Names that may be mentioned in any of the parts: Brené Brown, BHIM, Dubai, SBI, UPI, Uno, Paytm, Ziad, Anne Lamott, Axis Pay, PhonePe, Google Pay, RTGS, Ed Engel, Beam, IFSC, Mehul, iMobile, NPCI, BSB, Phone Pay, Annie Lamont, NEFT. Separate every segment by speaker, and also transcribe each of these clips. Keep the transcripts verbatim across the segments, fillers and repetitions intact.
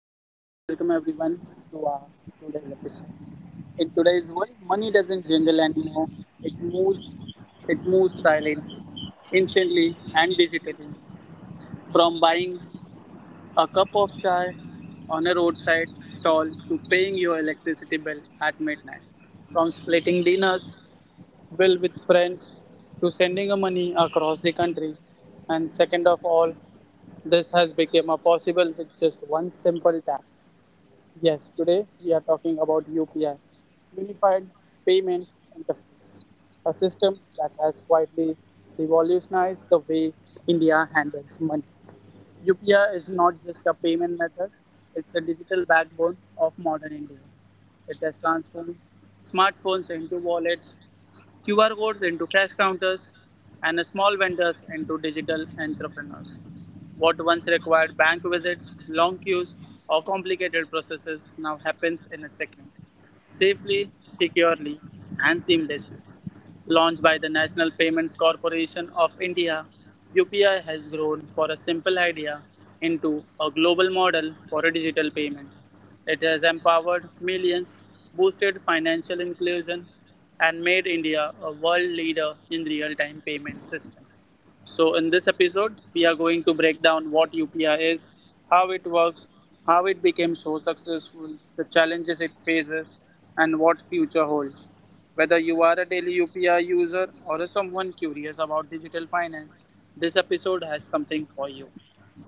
Speaker 1: Okay, so welcome everyone to our today's episode. In today's world, money doesn't jingle anymore. It moves, it moves silently, instantly, and digitally. From buying a cup of chai on a roadside stall to paying your electricity bill at midnight. From splitting dinners, bill with friends, to sending a money across the country. And second of all, this has become a possible with just one simple tap. Yes, today we are talking about U P I, Unified Payment Interface, a system that has quietly revolutionized the way India handles money. U P I is not just a payment method, it's a digital backbone of modern India. It has transformed smartphones into wallets, Q R codes into cash counters, and small vendors into digital entrepreneurs. What once required bank visits, long queues, or complicated processes now happens in a second. Safely, securely, and seamlessly. Launched by the National Payments Corporation of India, U P I has grown from a simple idea into a global model for digital payments. It has empowered millions, boosted financial inclusion, and made India a world leader in real time payment system. So, in this episode, we are going to break down what U P I is, how it works, how it became so successful, the challenges it faces, and what future holds. Whether you are a daily U P I user or someone curious about digital finance, this episode has something for you.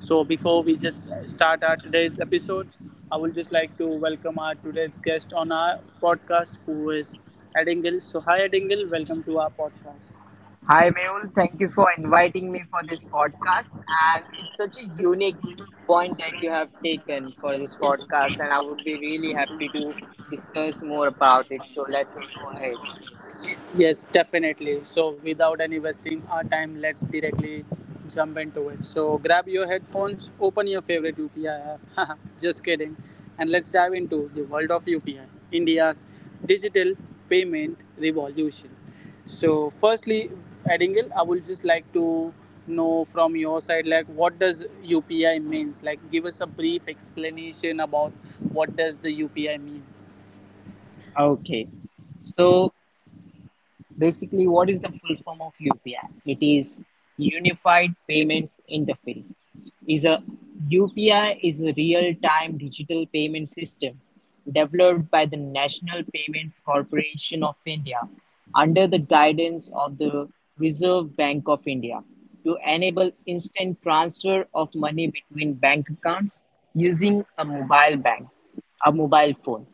Speaker 1: So, before we just start our today's episode, I would just like to welcome our today's guest on our podcast, who is Ed Engel. So, hi Ed Engel, welcome to our podcast.
Speaker 2: Hi, Mehul. Thank you for inviting me for this podcast. And it's such a unique point that you have taken for this podcast. And I would be really happy to discuss more about it. So let's go ahead.
Speaker 1: Yes, definitely. So, without any wasting our time, let's directly jump into it. So, grab your headphones, open your favorite U P I app. Just kidding. And let's dive into the world of U P I, India's digital payment revolution. So, firstly, Edingle, I would just like to know from your side, like, what does U P I means? Like, give us a brief explanation about what does the U P I means.
Speaker 2: Okay. So, basically, what is the full form of U P I? It is Unified Payments Interface. Is a U P I is a real-time digital payment system developed by the National Payments Corporation of India under the guidance of the Reserve Bank of India to enable instant transfer of money between bank accounts using a mobile bank a mobile phone.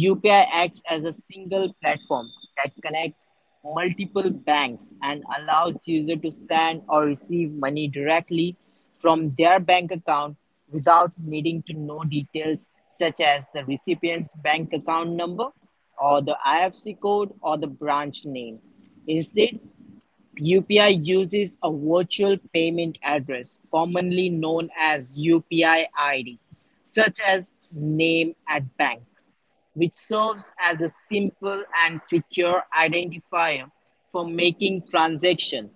Speaker 2: U P I acts as a single platform that connects multiple banks and allows users to send or receive money directly from their bank account without needing to know details such as the recipient's bank account number or the I F S C code or the branch name. Instead, U P I uses a virtual payment address, commonly known as U P I I D, such as name at bank, which serves as a simple and secure identifier for making transactions.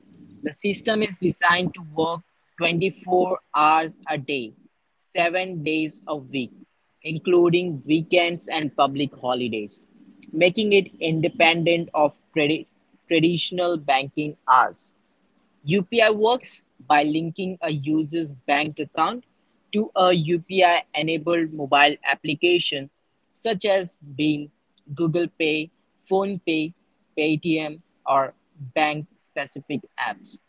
Speaker 2: The system is designed to work twenty-four hours a day, seven days a week, including weekends and public holidays, making it independent of tradi- traditional banking hours. U P I works by linking a user's bank account to a U P I-enabled mobile application such as Beam, Google Pay, PhonePe, Paytm, or bank-specific apps.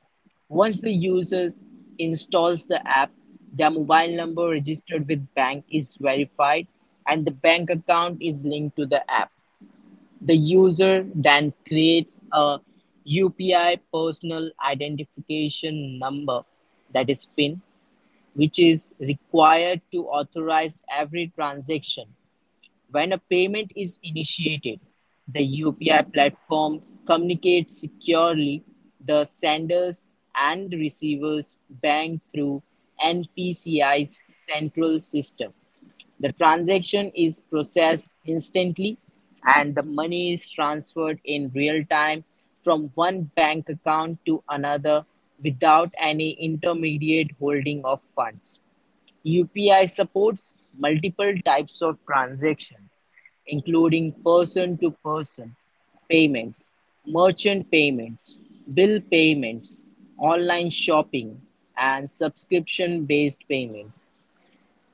Speaker 2: Once the user installs the app, their mobile number registered with bank is verified and the bank account is linked to the app. The user then creates a U P I personal identification number, that is PIN, which is required to authorize every transaction. When a payment is initiated, the U P I platform communicates securely the sender's and receiver's bank through N P C I's central system. The transaction is processed instantly and the money is transferred in real time from one bank account to another without any intermediate holding of funds. U P I supports multiple types of transactions, including person-to-person payments, merchant payments, bill payments, online shopping, and subscription-based payments.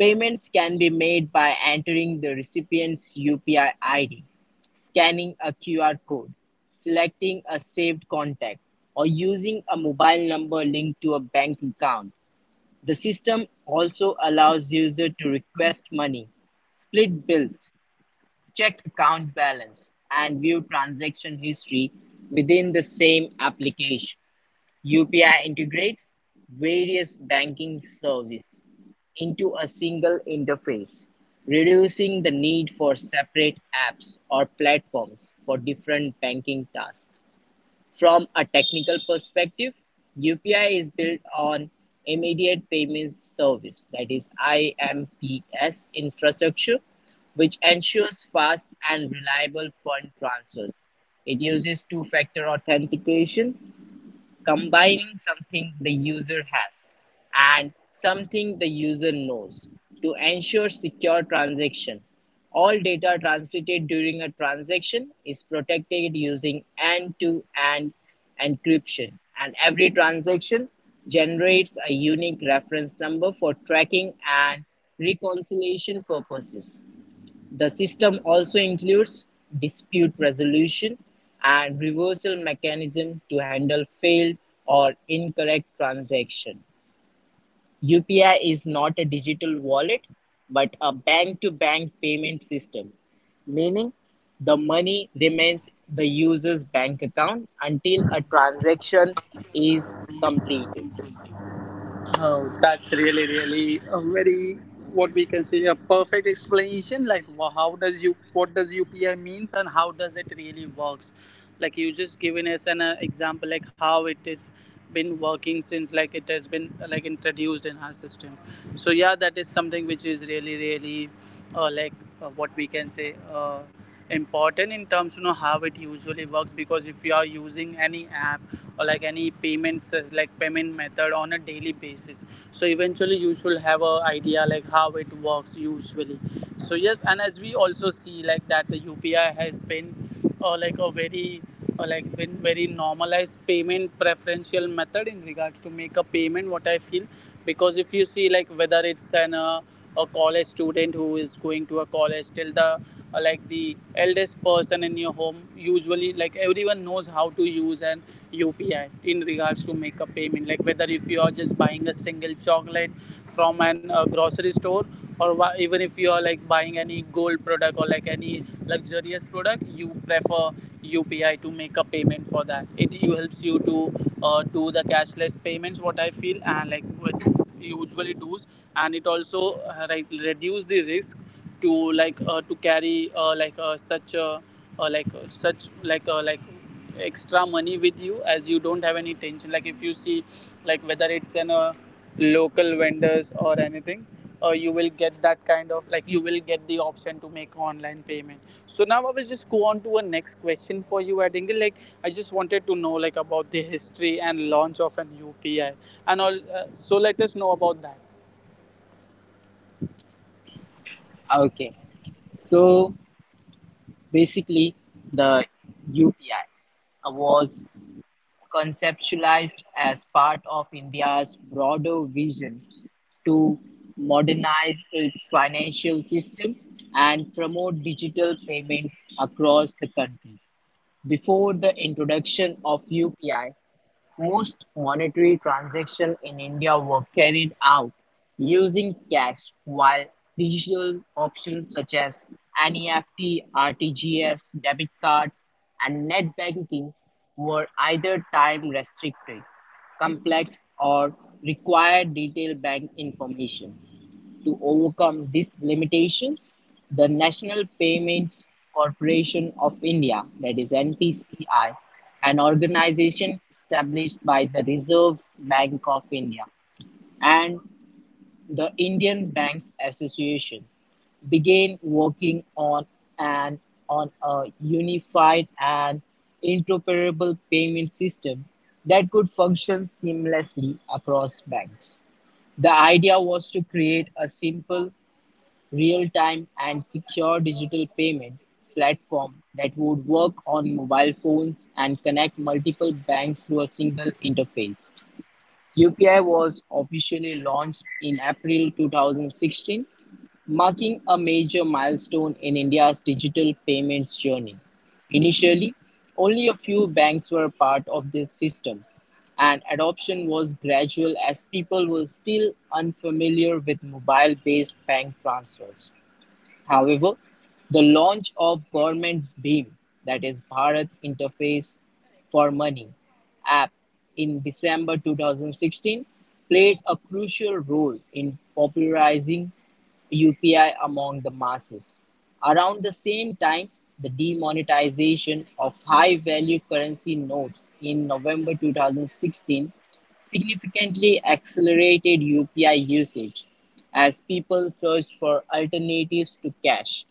Speaker 2: Payments can be made by entering the recipient's U P I I D, scanning a Q R code, selecting a saved contact, or using a mobile number linked to a bank account. The system also allows users to request money, split bills, check account balance, and view transaction history within the same application. U P I integrates various banking services into a single interface, reducing the need for separate apps or platforms for different banking tasks. From a technical perspective, U P I is built on Immediate Payment Service, that is I M P S infrastructure, which ensures fast and reliable fund transfers. It uses two factor authentication, combining something the user has and something the user knows, to ensure secure transaction. All data transmitted during a transaction is protected using end-to-end encryption, and every transaction generates a unique reference number for tracking and reconciliation purposes. The system also includes dispute resolution and reversal mechanism to handle failed or incorrect transaction. U P I is not a digital wallet but a bank-to-bank payment system, meaning the money remains the user's bank account until a transaction is completed.
Speaker 1: Oh, that's really, really a very what we can say a perfect explanation. Like, wha- how does you what does U P I means and how does it really works? Like you just given us an uh, example, like how it is been working since like it has been uh, like introduced in our system. So yeah, that is something which is really, really uh, like uh, what we can say. Uh, important in terms you know how it usually works, because if you are using any app or like any payments like payment method on a daily basis, so eventually you should have a idea like how it works usually. So yes, and as we also see like that the upi has been or uh, like a very or like been very normalized payment preferential method in regards to make a payment what I feel, because if you see like whether it's an uh, a college student who is going to a college till the uh, like the eldest person in your home, usually like everyone knows how to use an upi in regards to make a payment, like whether if you are just buying a single chocolate from an uh, grocery store, or wha- even if you are like buying any gold product or like any luxurious product, you prefer upi to make a payment for that. It you helps you to uh, do the cashless payments what I feel and like what usually does, and it also uh, like reduce the risk to like uh, to carry uh, like uh, such uh, uh, like uh, such like uh, like extra money with you, as you don't have any tension. Like if you see like whether it's in a local vendors or anything, uh, you will get that kind of like you will get the option to make online payment. So now I will just go on to a next question for you at, like, I just wanted to know like about the history and launch of an upi and all, uh, so let us know about that.
Speaker 2: Okay, so basically the U P I was conceptualized as part of India's broader vision to modernize its financial system and promote digital payments across the country. Before the introduction of U P I, most monetary transactions in India were carried out using cash, while digital options such as N E F T, R T G S, debit cards, and net banking were either time restricted, complex, or required detailed bank information. To overcome these limitations, the National Payments Corporation of India, that is N P C I, an organization established by the Reserve Bank of India and the Indian Banks Association, began working on an on a unified and interoperable payment system that could function seamlessly across banks. The idea was to create a simple, real-time and secure digital payment platform that would work on mobile phones and connect multiple banks through a single interface. U P I was officially launched in April two thousand sixteen, marking a major milestone in India's digital payments journey. Initially, only a few banks were part of this system, and adoption was gradual as people were still unfamiliar with mobile based bank transfers. However, the launch of government's BHIM, that is Bharat Interface for Money app, in December two thousand sixteen played a crucial role in popularizing U P I among the masses. Around the same time, the demonetization of high value currency notes in November two thousand sixteen significantly accelerated U P I usage as people searched for alternatives to cash.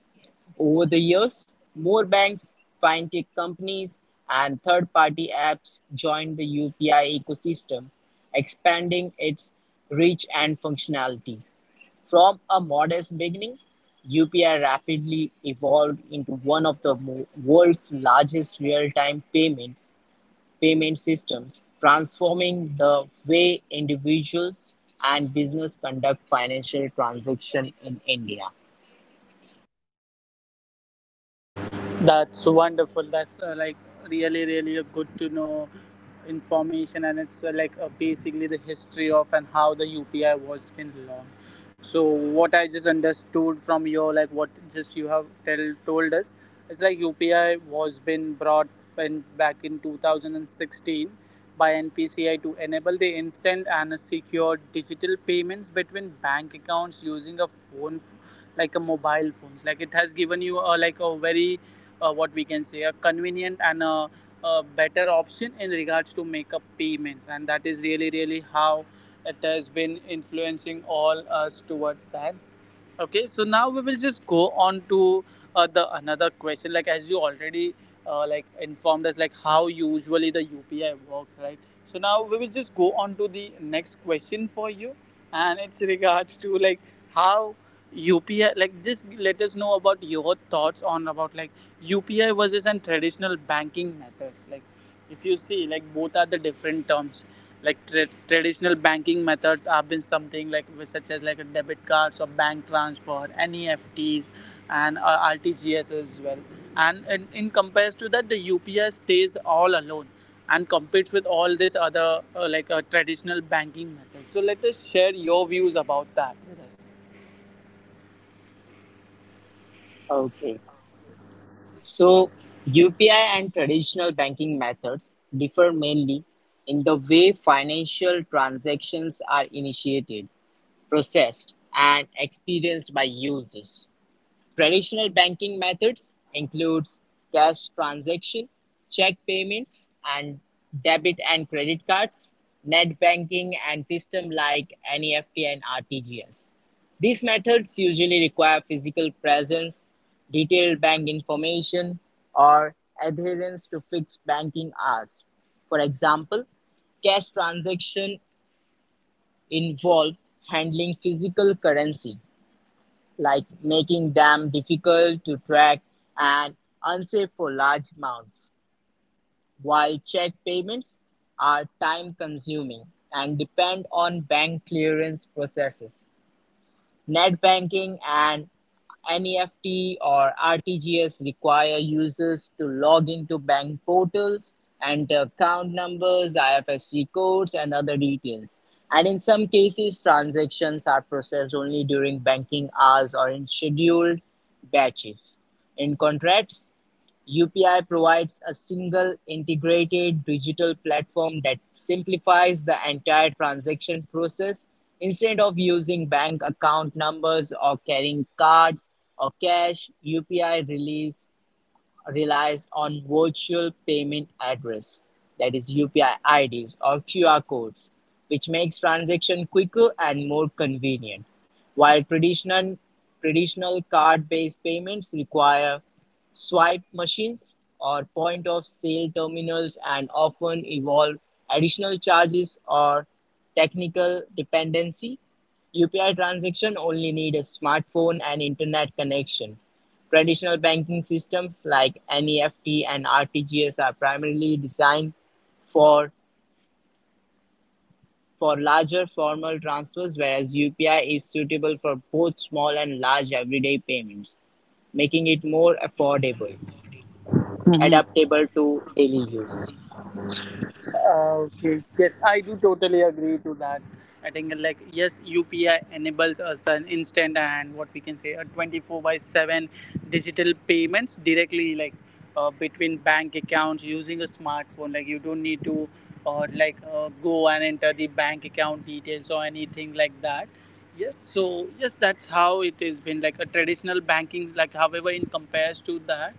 Speaker 2: Over the years, more banks, fintech companies, and third party apps joined the U P I ecosystem, expanding its reach and functionality. From a modest beginning, U P I rapidly evolved into one of the mo- world's largest real time payments payment systems, transforming the way individuals and business conduct financial transaction in India.
Speaker 1: That's wonderful. That's uh, like really, really a good to know information, and it's uh, like uh, basically the history of and how the U P I was been launched. So what I just understood from your like what just you have tell told us, it's like U P I was been brought in back in two thousand sixteen by N P C I to enable the instant and secure digital payments between bank accounts using a phone, f- like a mobile phones. Like it has given you a like a very uh, what we can say a convenient and a, a better option in regards to make up payments, and that is really really how it has been influencing all us towards that. Okay, so now we will just go on to uh, the another question. Like as you already uh, like informed us, like how usually the U P I works, right? So now we will just go on to the next question for you, and it's regards to like how U P I. Like just let us know about your thoughts on about like U P I versus and traditional banking methods. Like if you see, like both are the different terms, like tra- traditional banking methods have been something like such as like a debit cards or bank transfer N E F Ts and uh, R T G S as well, and in, in comparison to that the U P I stays all alone and competes with all this other uh, like uh, traditional banking methods. So let us share your views about that with us.
Speaker 2: Okay. So U P I and traditional banking methods differ mainly in the way financial transactions are initiated, processed, and experienced by users. Traditional banking methods includes cash transaction, check payments, and debit and credit cards, net banking, and system like N E F T and R T G S. These methods usually require physical presence, detailed bank information, or adherence to fixed banking hours. For example, cash transactions involve handling physical currency, like making them difficult to track and unsafe for large amounts, while check payments are time consuming and depend on bank clearance processes. Net banking and N E F T or R T G S require users to log into bank portals, enter account numbers, I F S C codes, and other details. And in some cases, transactions are processed only during banking hours or in scheduled batches. In contracts. U P I provides a single integrated digital platform that simplifies the entire transaction process instead of using bank account numbers or carrying cards or cash. U P I release relies on virtual payment address, that is U P I I Ds or Q R codes, which makes transaction quicker and more convenient. While traditional traditional card-based payments require swipe machines or point of sale terminals and often involve additional charges or technical dependency, U P I transactions only need a smartphone and internet connection. Traditional banking systems like N E F T and R T G S are primarily designed for for larger formal transfers, whereas U P I is suitable for both small and large everyday payments, making it more affordable,
Speaker 1: Mm-hmm.
Speaker 2: adaptable to daily use.
Speaker 1: Okay. Yes, I do totally agree to that. I think uh, like yes, U P I enables us an instant and what we can say a twenty-four by seven digital payments directly like uh, between bank accounts using a smartphone. Like you don't need to uh, like uh, go and enter the bank account details or anything like that. Yes, so yes, that's how it has been like a traditional banking. Like, however, in compares to that,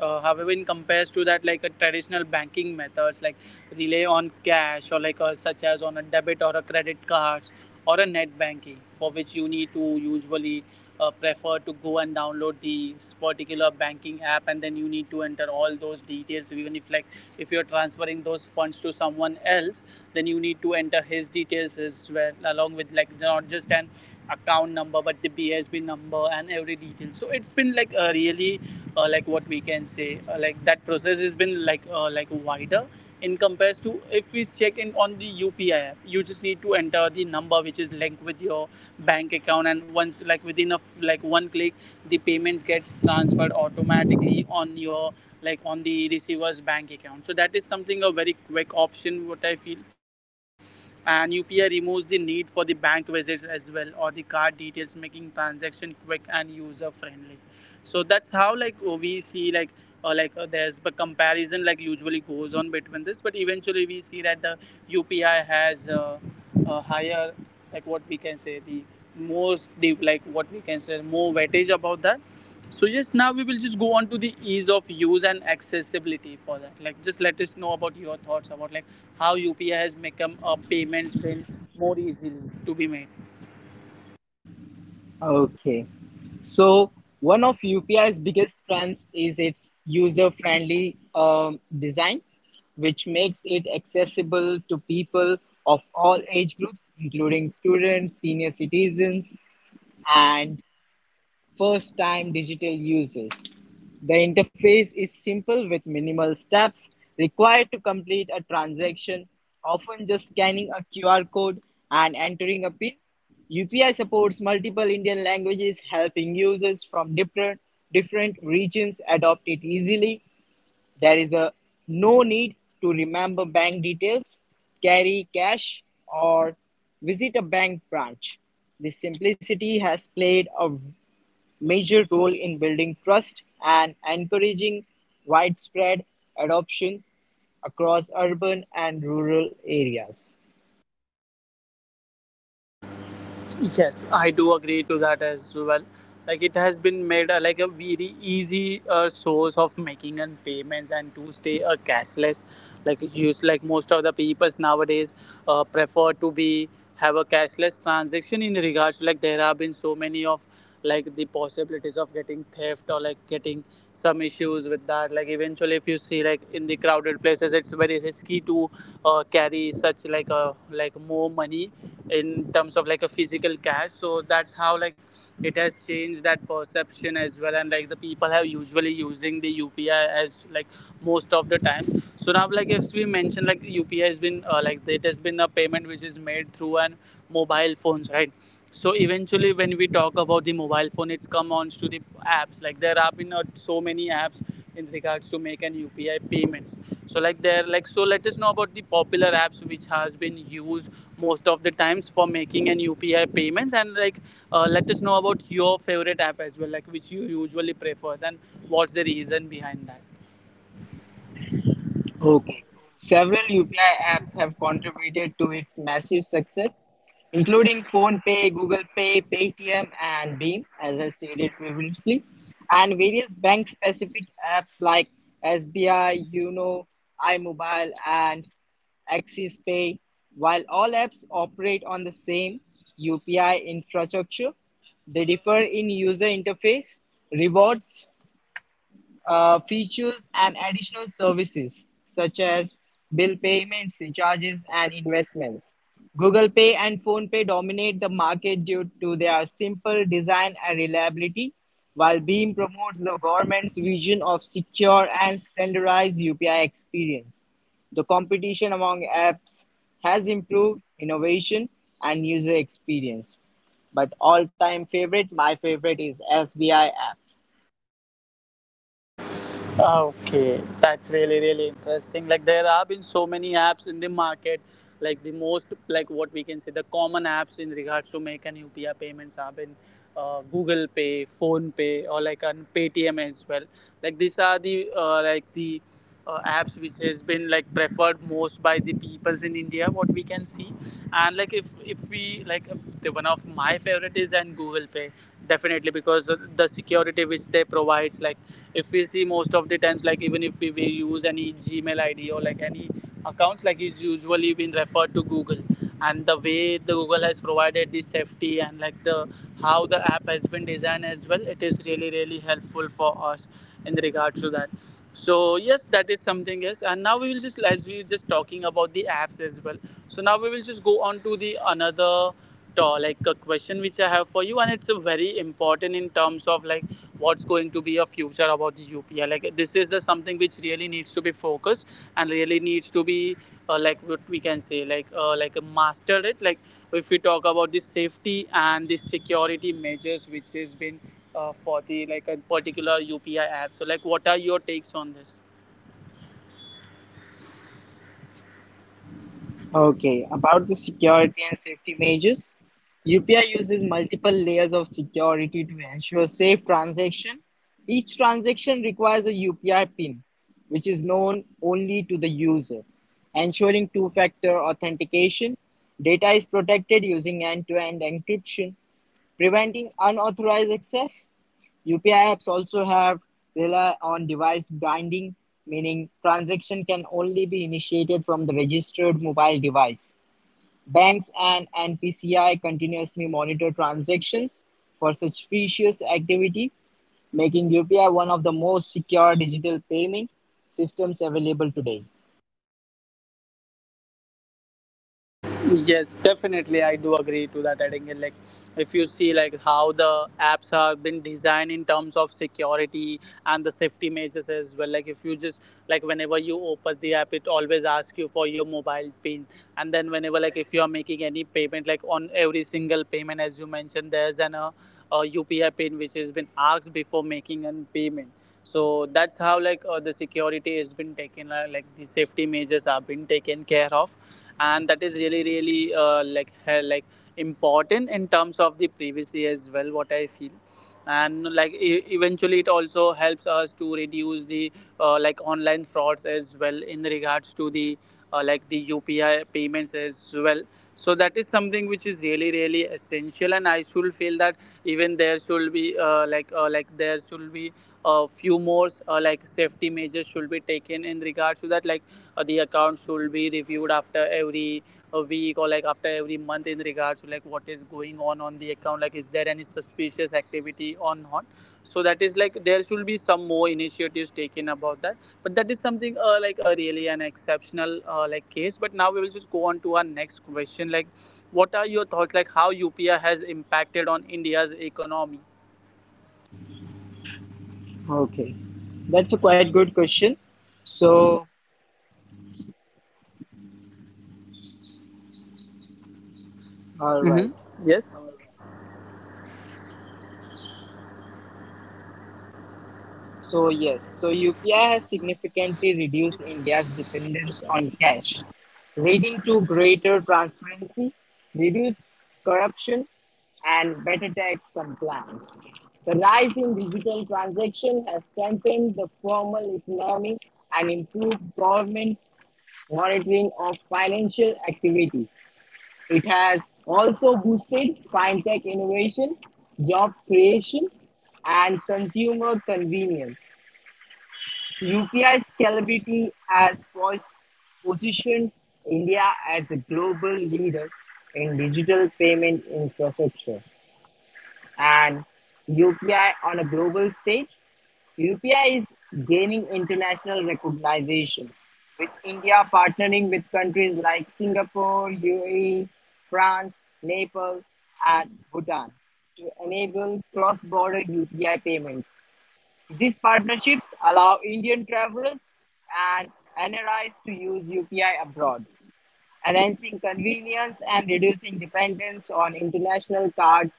Speaker 1: uh, however in compares to that like a traditional banking methods like rely on cash or like uh such as on a debit or a credit cards or a net banking, for which you need to usually uh, prefer to go and download the particular banking app, and then you need to enter all those details, even if like if you're transferring those funds to someone else, then you need to enter his details as well, along with like not just an account number but the B S B number and every detail. So it's been like a really uh, like what we can say uh, like that process has been like uh, like wider in compares to if we check in on the U P I app. You just need to enter the number which is linked with your bank account, and once like within a like one click, the payments gets transferred automatically on your like on the receiver's bank account. So that is something a very quick option what I feel, and U P I removes the need for the bank visits as well or the card details, making transaction quick and user friendly. So that's how like we see like uh, like uh, there's a comparison usually goes on between this, but eventually we see that the U P I has uh, a higher like what we can say the most deep like what we can say more weightage about that. So yes, now we will just go on to the ease of use and accessibility for that. Like just let us know about your thoughts about like how U P I has become a payment spin more easily to be made.
Speaker 2: Okay. So one of U P I's biggest strengths is its user-friendly um, design, which makes it accessible to people of all age groups, including students, senior citizens, and first-time digital users. The interface is simple, with minimal steps required to complete a transaction, often just scanning a Q R code and entering a PIN. U P I supports multiple Indian languages, helping users from different different regions adopt it easily. There is a no need to remember bank details, carry cash, or visit a bank branch. This simplicity has played a major role in building trust and encouraging widespread adoption across urban and rural areas.
Speaker 1: Yes, I do agree to that as well. Like it has been made uh, like a very easy uh, source of making and payments and to stay uh, cashless. Like it's used like most of the peoples nowadays uh, prefer to be have a cashless transaction in regards to like there have been so many of like the possibilities of getting theft or like getting some issues with that, like eventually if you see like in the crowded places it's very risky to uh, carry such like a like more money in terms of like a physical cash. So that's how like it has changed that perception as well, and like the people have usually using the upi as like most of the time. So now like if we mention like upi has been uh, like it has been a payment which is made through an mobile phones, right? So eventually when we talk about the mobile phone, it's come on to the apps. Like there have been uh, so many apps in regards to make an upi payments. So like there like so let us know about the popular apps which has been used most of the times for making an upi payments, and like uh, let us know about your favorite app as well, like which you usually prefers and what's the reason behind that.
Speaker 2: Okay. Several U P I apps have contributed to its massive success, including PhonePe, Google Pay, Paytm, and Beam, as I stated previously, and various bank specific apps like S B I, Uno, iMobile, and Axis Pay. While all apps operate on the same U P I infrastructure, they differ in user interface, rewards, uh, features, and additional services such as bill payments, recharges, and investments. Google Pay and PhonePe dominate the market due to their simple design and reliability, while Beam promotes the government's vision of secure and standardized U P I experience. The competition among apps has improved innovation and user experience. But all time favorite, my favorite is S B I app.
Speaker 1: Ah, okay, that's really really interesting. Like there have been so many apps in the market. Like the most like what we can say the common apps in regards to make an U P I payments have been uh, Google Pay, Phone Pay, or like an Paytm as well. Like these are the uh, like the uh, apps which has been like preferred most by the peoples in India, what we can see. And like if if we like uh, the one of my favorite is and Google Pay, definitely, because of the security which they provides. Like if we see most of the times, like even if we, we use any gmail id or like any accounts, like it's usually been referred to google, and the way the google has provided the safety, and like the how the app has been designed as well, it is really really helpful for us in regards to that. So yes, that is something. Yes, and now we will just, as we were just talking about the apps as well, so now we will just go on to the another to like a question which I have for you, and it's a very important in terms of like what's going to be a future about the U P I. Like this is the something which really needs to be focused and really needs to be uh, like what we can say like uh, like mastered it. Like if we talk about the safety and the security measures which has been uh, for the like a particular U P I app. So like what are your takes on this?
Speaker 2: Okay, about the security and safety measures, U P I uses multiple layers of security to ensure safe transaction. Each transaction requires a U P I pin, which is known only to the user, ensuring two factor authentication. Data is protected using end to end encryption. Preventing unauthorized access, U P I apps also have rely on device binding, meaning transaction can only be initiated from the registered mobile device. Banks and N P C I continuously monitor transactions for suspicious activity, making U P I one of the most secure digital payment systems available today.
Speaker 1: Yes, definitely, I do agree to that. Adding like, if you see like how the been designed in terms of security and the safety measures as well. Like, if you just like whenever you open the app, it always asks you for your mobile pin, and then whenever like if you are making any payment, like on every single payment, as you mentioned, there's an uh, a U P I pin which has been asked before making an payment. So that's how like uh, the security has been taken, uh, like the safety measures have been taken care of, and that is really really uh, like he- like important in terms of the privacy as well, what I feel. And like e- eventually it also helps us to reduce the uh, like online frauds as well in regards to the uh, like the upi payments as well. So that is something which is really really essential, and I should feel that even there should be uh, like uh, like there should be a few more uh, like safety measures should be taken in regards to that. Like uh, the account should be reviewed after every uh, week or like after every month in regards to like what is going on on the account, like is there any suspicious activity or not. So that is like there should be some more initiatives taken about that, but that is something uh, like uh, really an exceptional uh, like case. But now we will just go on to our next question, like what are your thoughts like how upi has impacted on india's economy.
Speaker 2: Okay, that's a quite good question. So, all
Speaker 1: Mm-hmm.
Speaker 2: right.
Speaker 1: Yes.
Speaker 2: So yes, so U P I has significantly reduced India's dependence on cash, leading to greater transparency, reduced corruption, and better tax compliance. The rise in digital transaction has strengthened the formal economy and improved government monitoring of financial activity. It has also boosted fintech innovation, job creation, and consumer convenience. U P I scalability has pos- positioned India as a global leader in digital payment infrastructure, and U P I on a global stage. U P I is gaining international recognition, with India partnering with countries like Singapore, U A E, France, Nepal, and Bhutan to enable cross border U P I payments. These partnerships allow Indian travelers and N R Is to use U P I abroad, enhancing convenience and reducing dependence on international cards.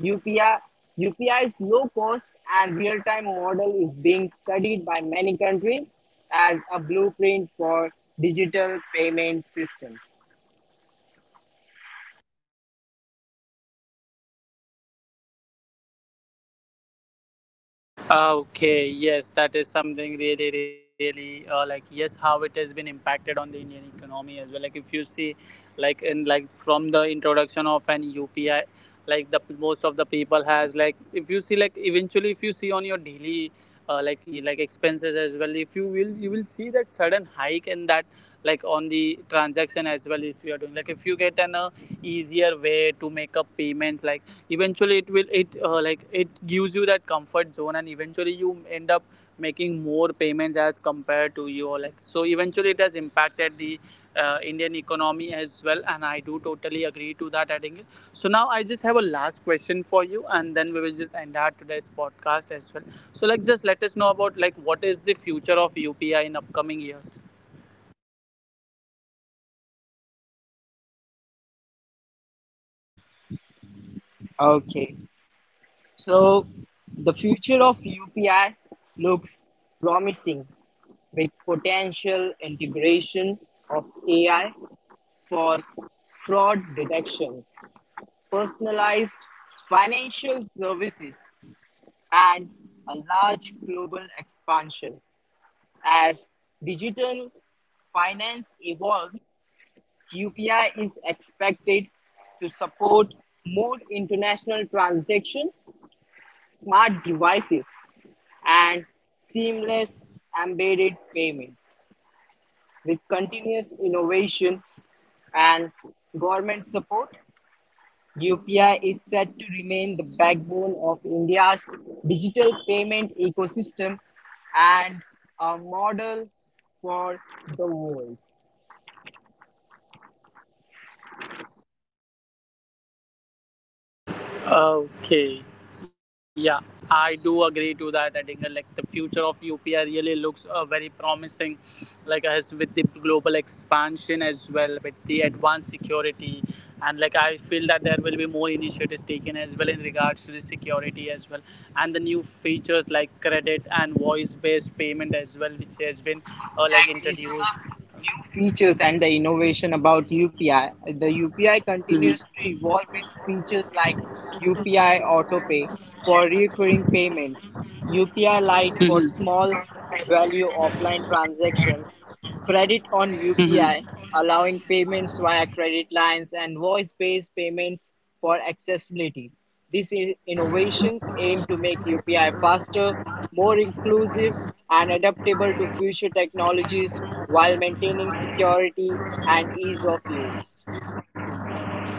Speaker 2: UPI, U P I's low cost and real time model is being studied by many countries as a blueprint for digital payment systems.
Speaker 1: Okay, yes, that is something really, really uh, like yes, how it has been impacted on the Indian economy as well. Like if you see, like in like from the introduction of an U P I, like the most of the people has like if you see like eventually if you see on your daily uh, like like expenses as well, if you will you will see that sudden hike in that, like on the transaction as well. If you are doing like if you get an uh, easier way to make up payments, like eventually it will it uh, like it gives you that comfort zone, and eventually you end up making more payments as compared to your like. So eventually it has impacted the uh, indian economy as well, and I do totally agree to that. Adding it, so now I just have a last question for you and then we will just end our today's podcast as well. So like just let us know about like what is the future of upi in upcoming years.
Speaker 2: Okay, so the future of U P I looks promising, with potential integration of A I for fraud detections, personalized financial services, and a large global expansion. As digital finance evolves, U P I is expected to support more international transactions, smart devices, and seamless embedded payments. With continuous innovation and government support, U P I is said to remain the backbone of India's digital payment ecosystem and a model for the world.
Speaker 1: Okay, yeah, I do agree to that. I think uh, like the future of U P I really looks uh, very promising, like as with the global expansion as well, with the advanced security, and like I feel that there will be more initiatives taken as well in regards to the security as well, and the new features like credit and voice-based payment as well, which has been uh, like
Speaker 2: Exactly. So
Speaker 1: introduced.
Speaker 2: the new features and the innovation about U P I, the U P I
Speaker 1: Mhm.
Speaker 2: continues to evolve with features like U P I autopay for recurring payments, U P I Lite for
Speaker 1: Mhm.
Speaker 2: small value offline transactions, credit on
Speaker 1: Mhm.
Speaker 2: U P I allowing payments via credit lines, and voice-based payments for accessibility. These i- innovations aim to make U P I faster, more inclusive, and adaptable to future technologies while maintaining security and ease of use.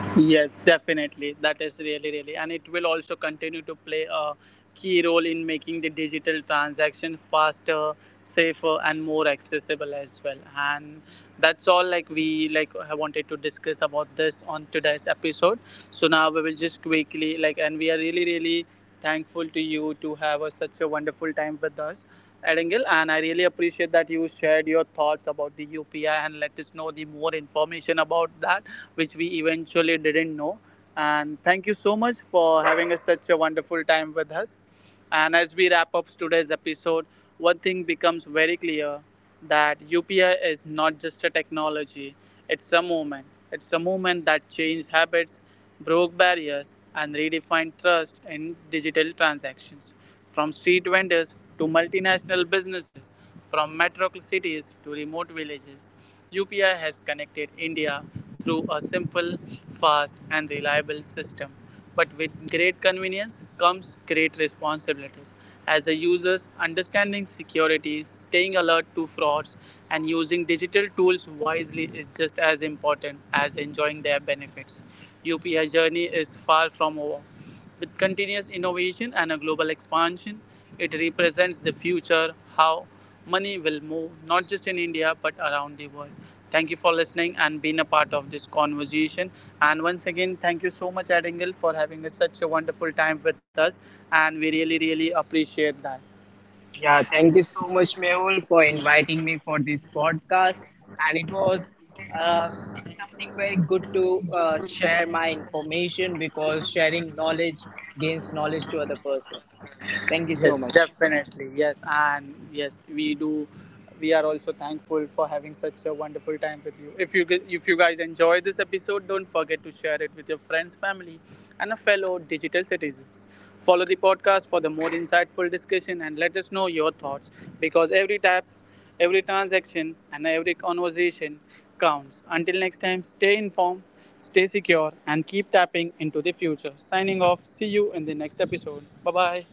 Speaker 1: Yes, definitely. That is really, really, and it will also continue to play a key role in making the digital transaction faster, safer, and more accessible as well. And that's all like we like have wanted to discuss about this on today's episode. So now we will just quickly like, and we are really, really thankful to you to have a, such a wonderful time with us. Edangle, and I really appreciate that you shared your thoughts about the U P I and let us know the more information that, which we eventually didn't know. And thank you so much for having us such a wonderful time with us. And as we wrap up today's episode, one thing becomes very clear: that U P I is not just a technology, it's a movement. It's a movement that changed habits, broke barriers, and redefined trust in digital transactions. From street vendors to multinational businesses, from metro cities to remote villages, U P I has connected India through a simple, fast, and reliable system. But with great convenience comes great responsibilities. As a user, understanding security, staying alert to frauds, and using digital tools wisely is just as important as enjoying their benefits. U P I journey is far from over. With continuous innovation and a global expansion, it represents the future how money will move, not just in India but around the world. Thank you for listening and being a part of this conversation. And once again, thank you so much, Adingle, for having such a wonderful time with us. And we really, really appreciate that.
Speaker 2: Yeah, thank you so much, Mehul, for inviting me for this podcast. And it was uh, something very good to uh, share my information, because sharing knowledge gains knowledge to other person. Thank you
Speaker 1: Yes,
Speaker 2: so much.
Speaker 1: definitely. Yes, and yes, we do. We are also thankful for having such a wonderful time with you. If you gu- if you guys enjoy this episode, don't forget to share it with your friends, family, and a fellow digital citizens. Follow the podcast for the more insightful discussion and let us know your thoughts, because every tap, every transaction, and every conversation counts. Until next time, stay informed, stay secure, and keep tapping into the future. Signing off. See you in the next episode. Bye bye.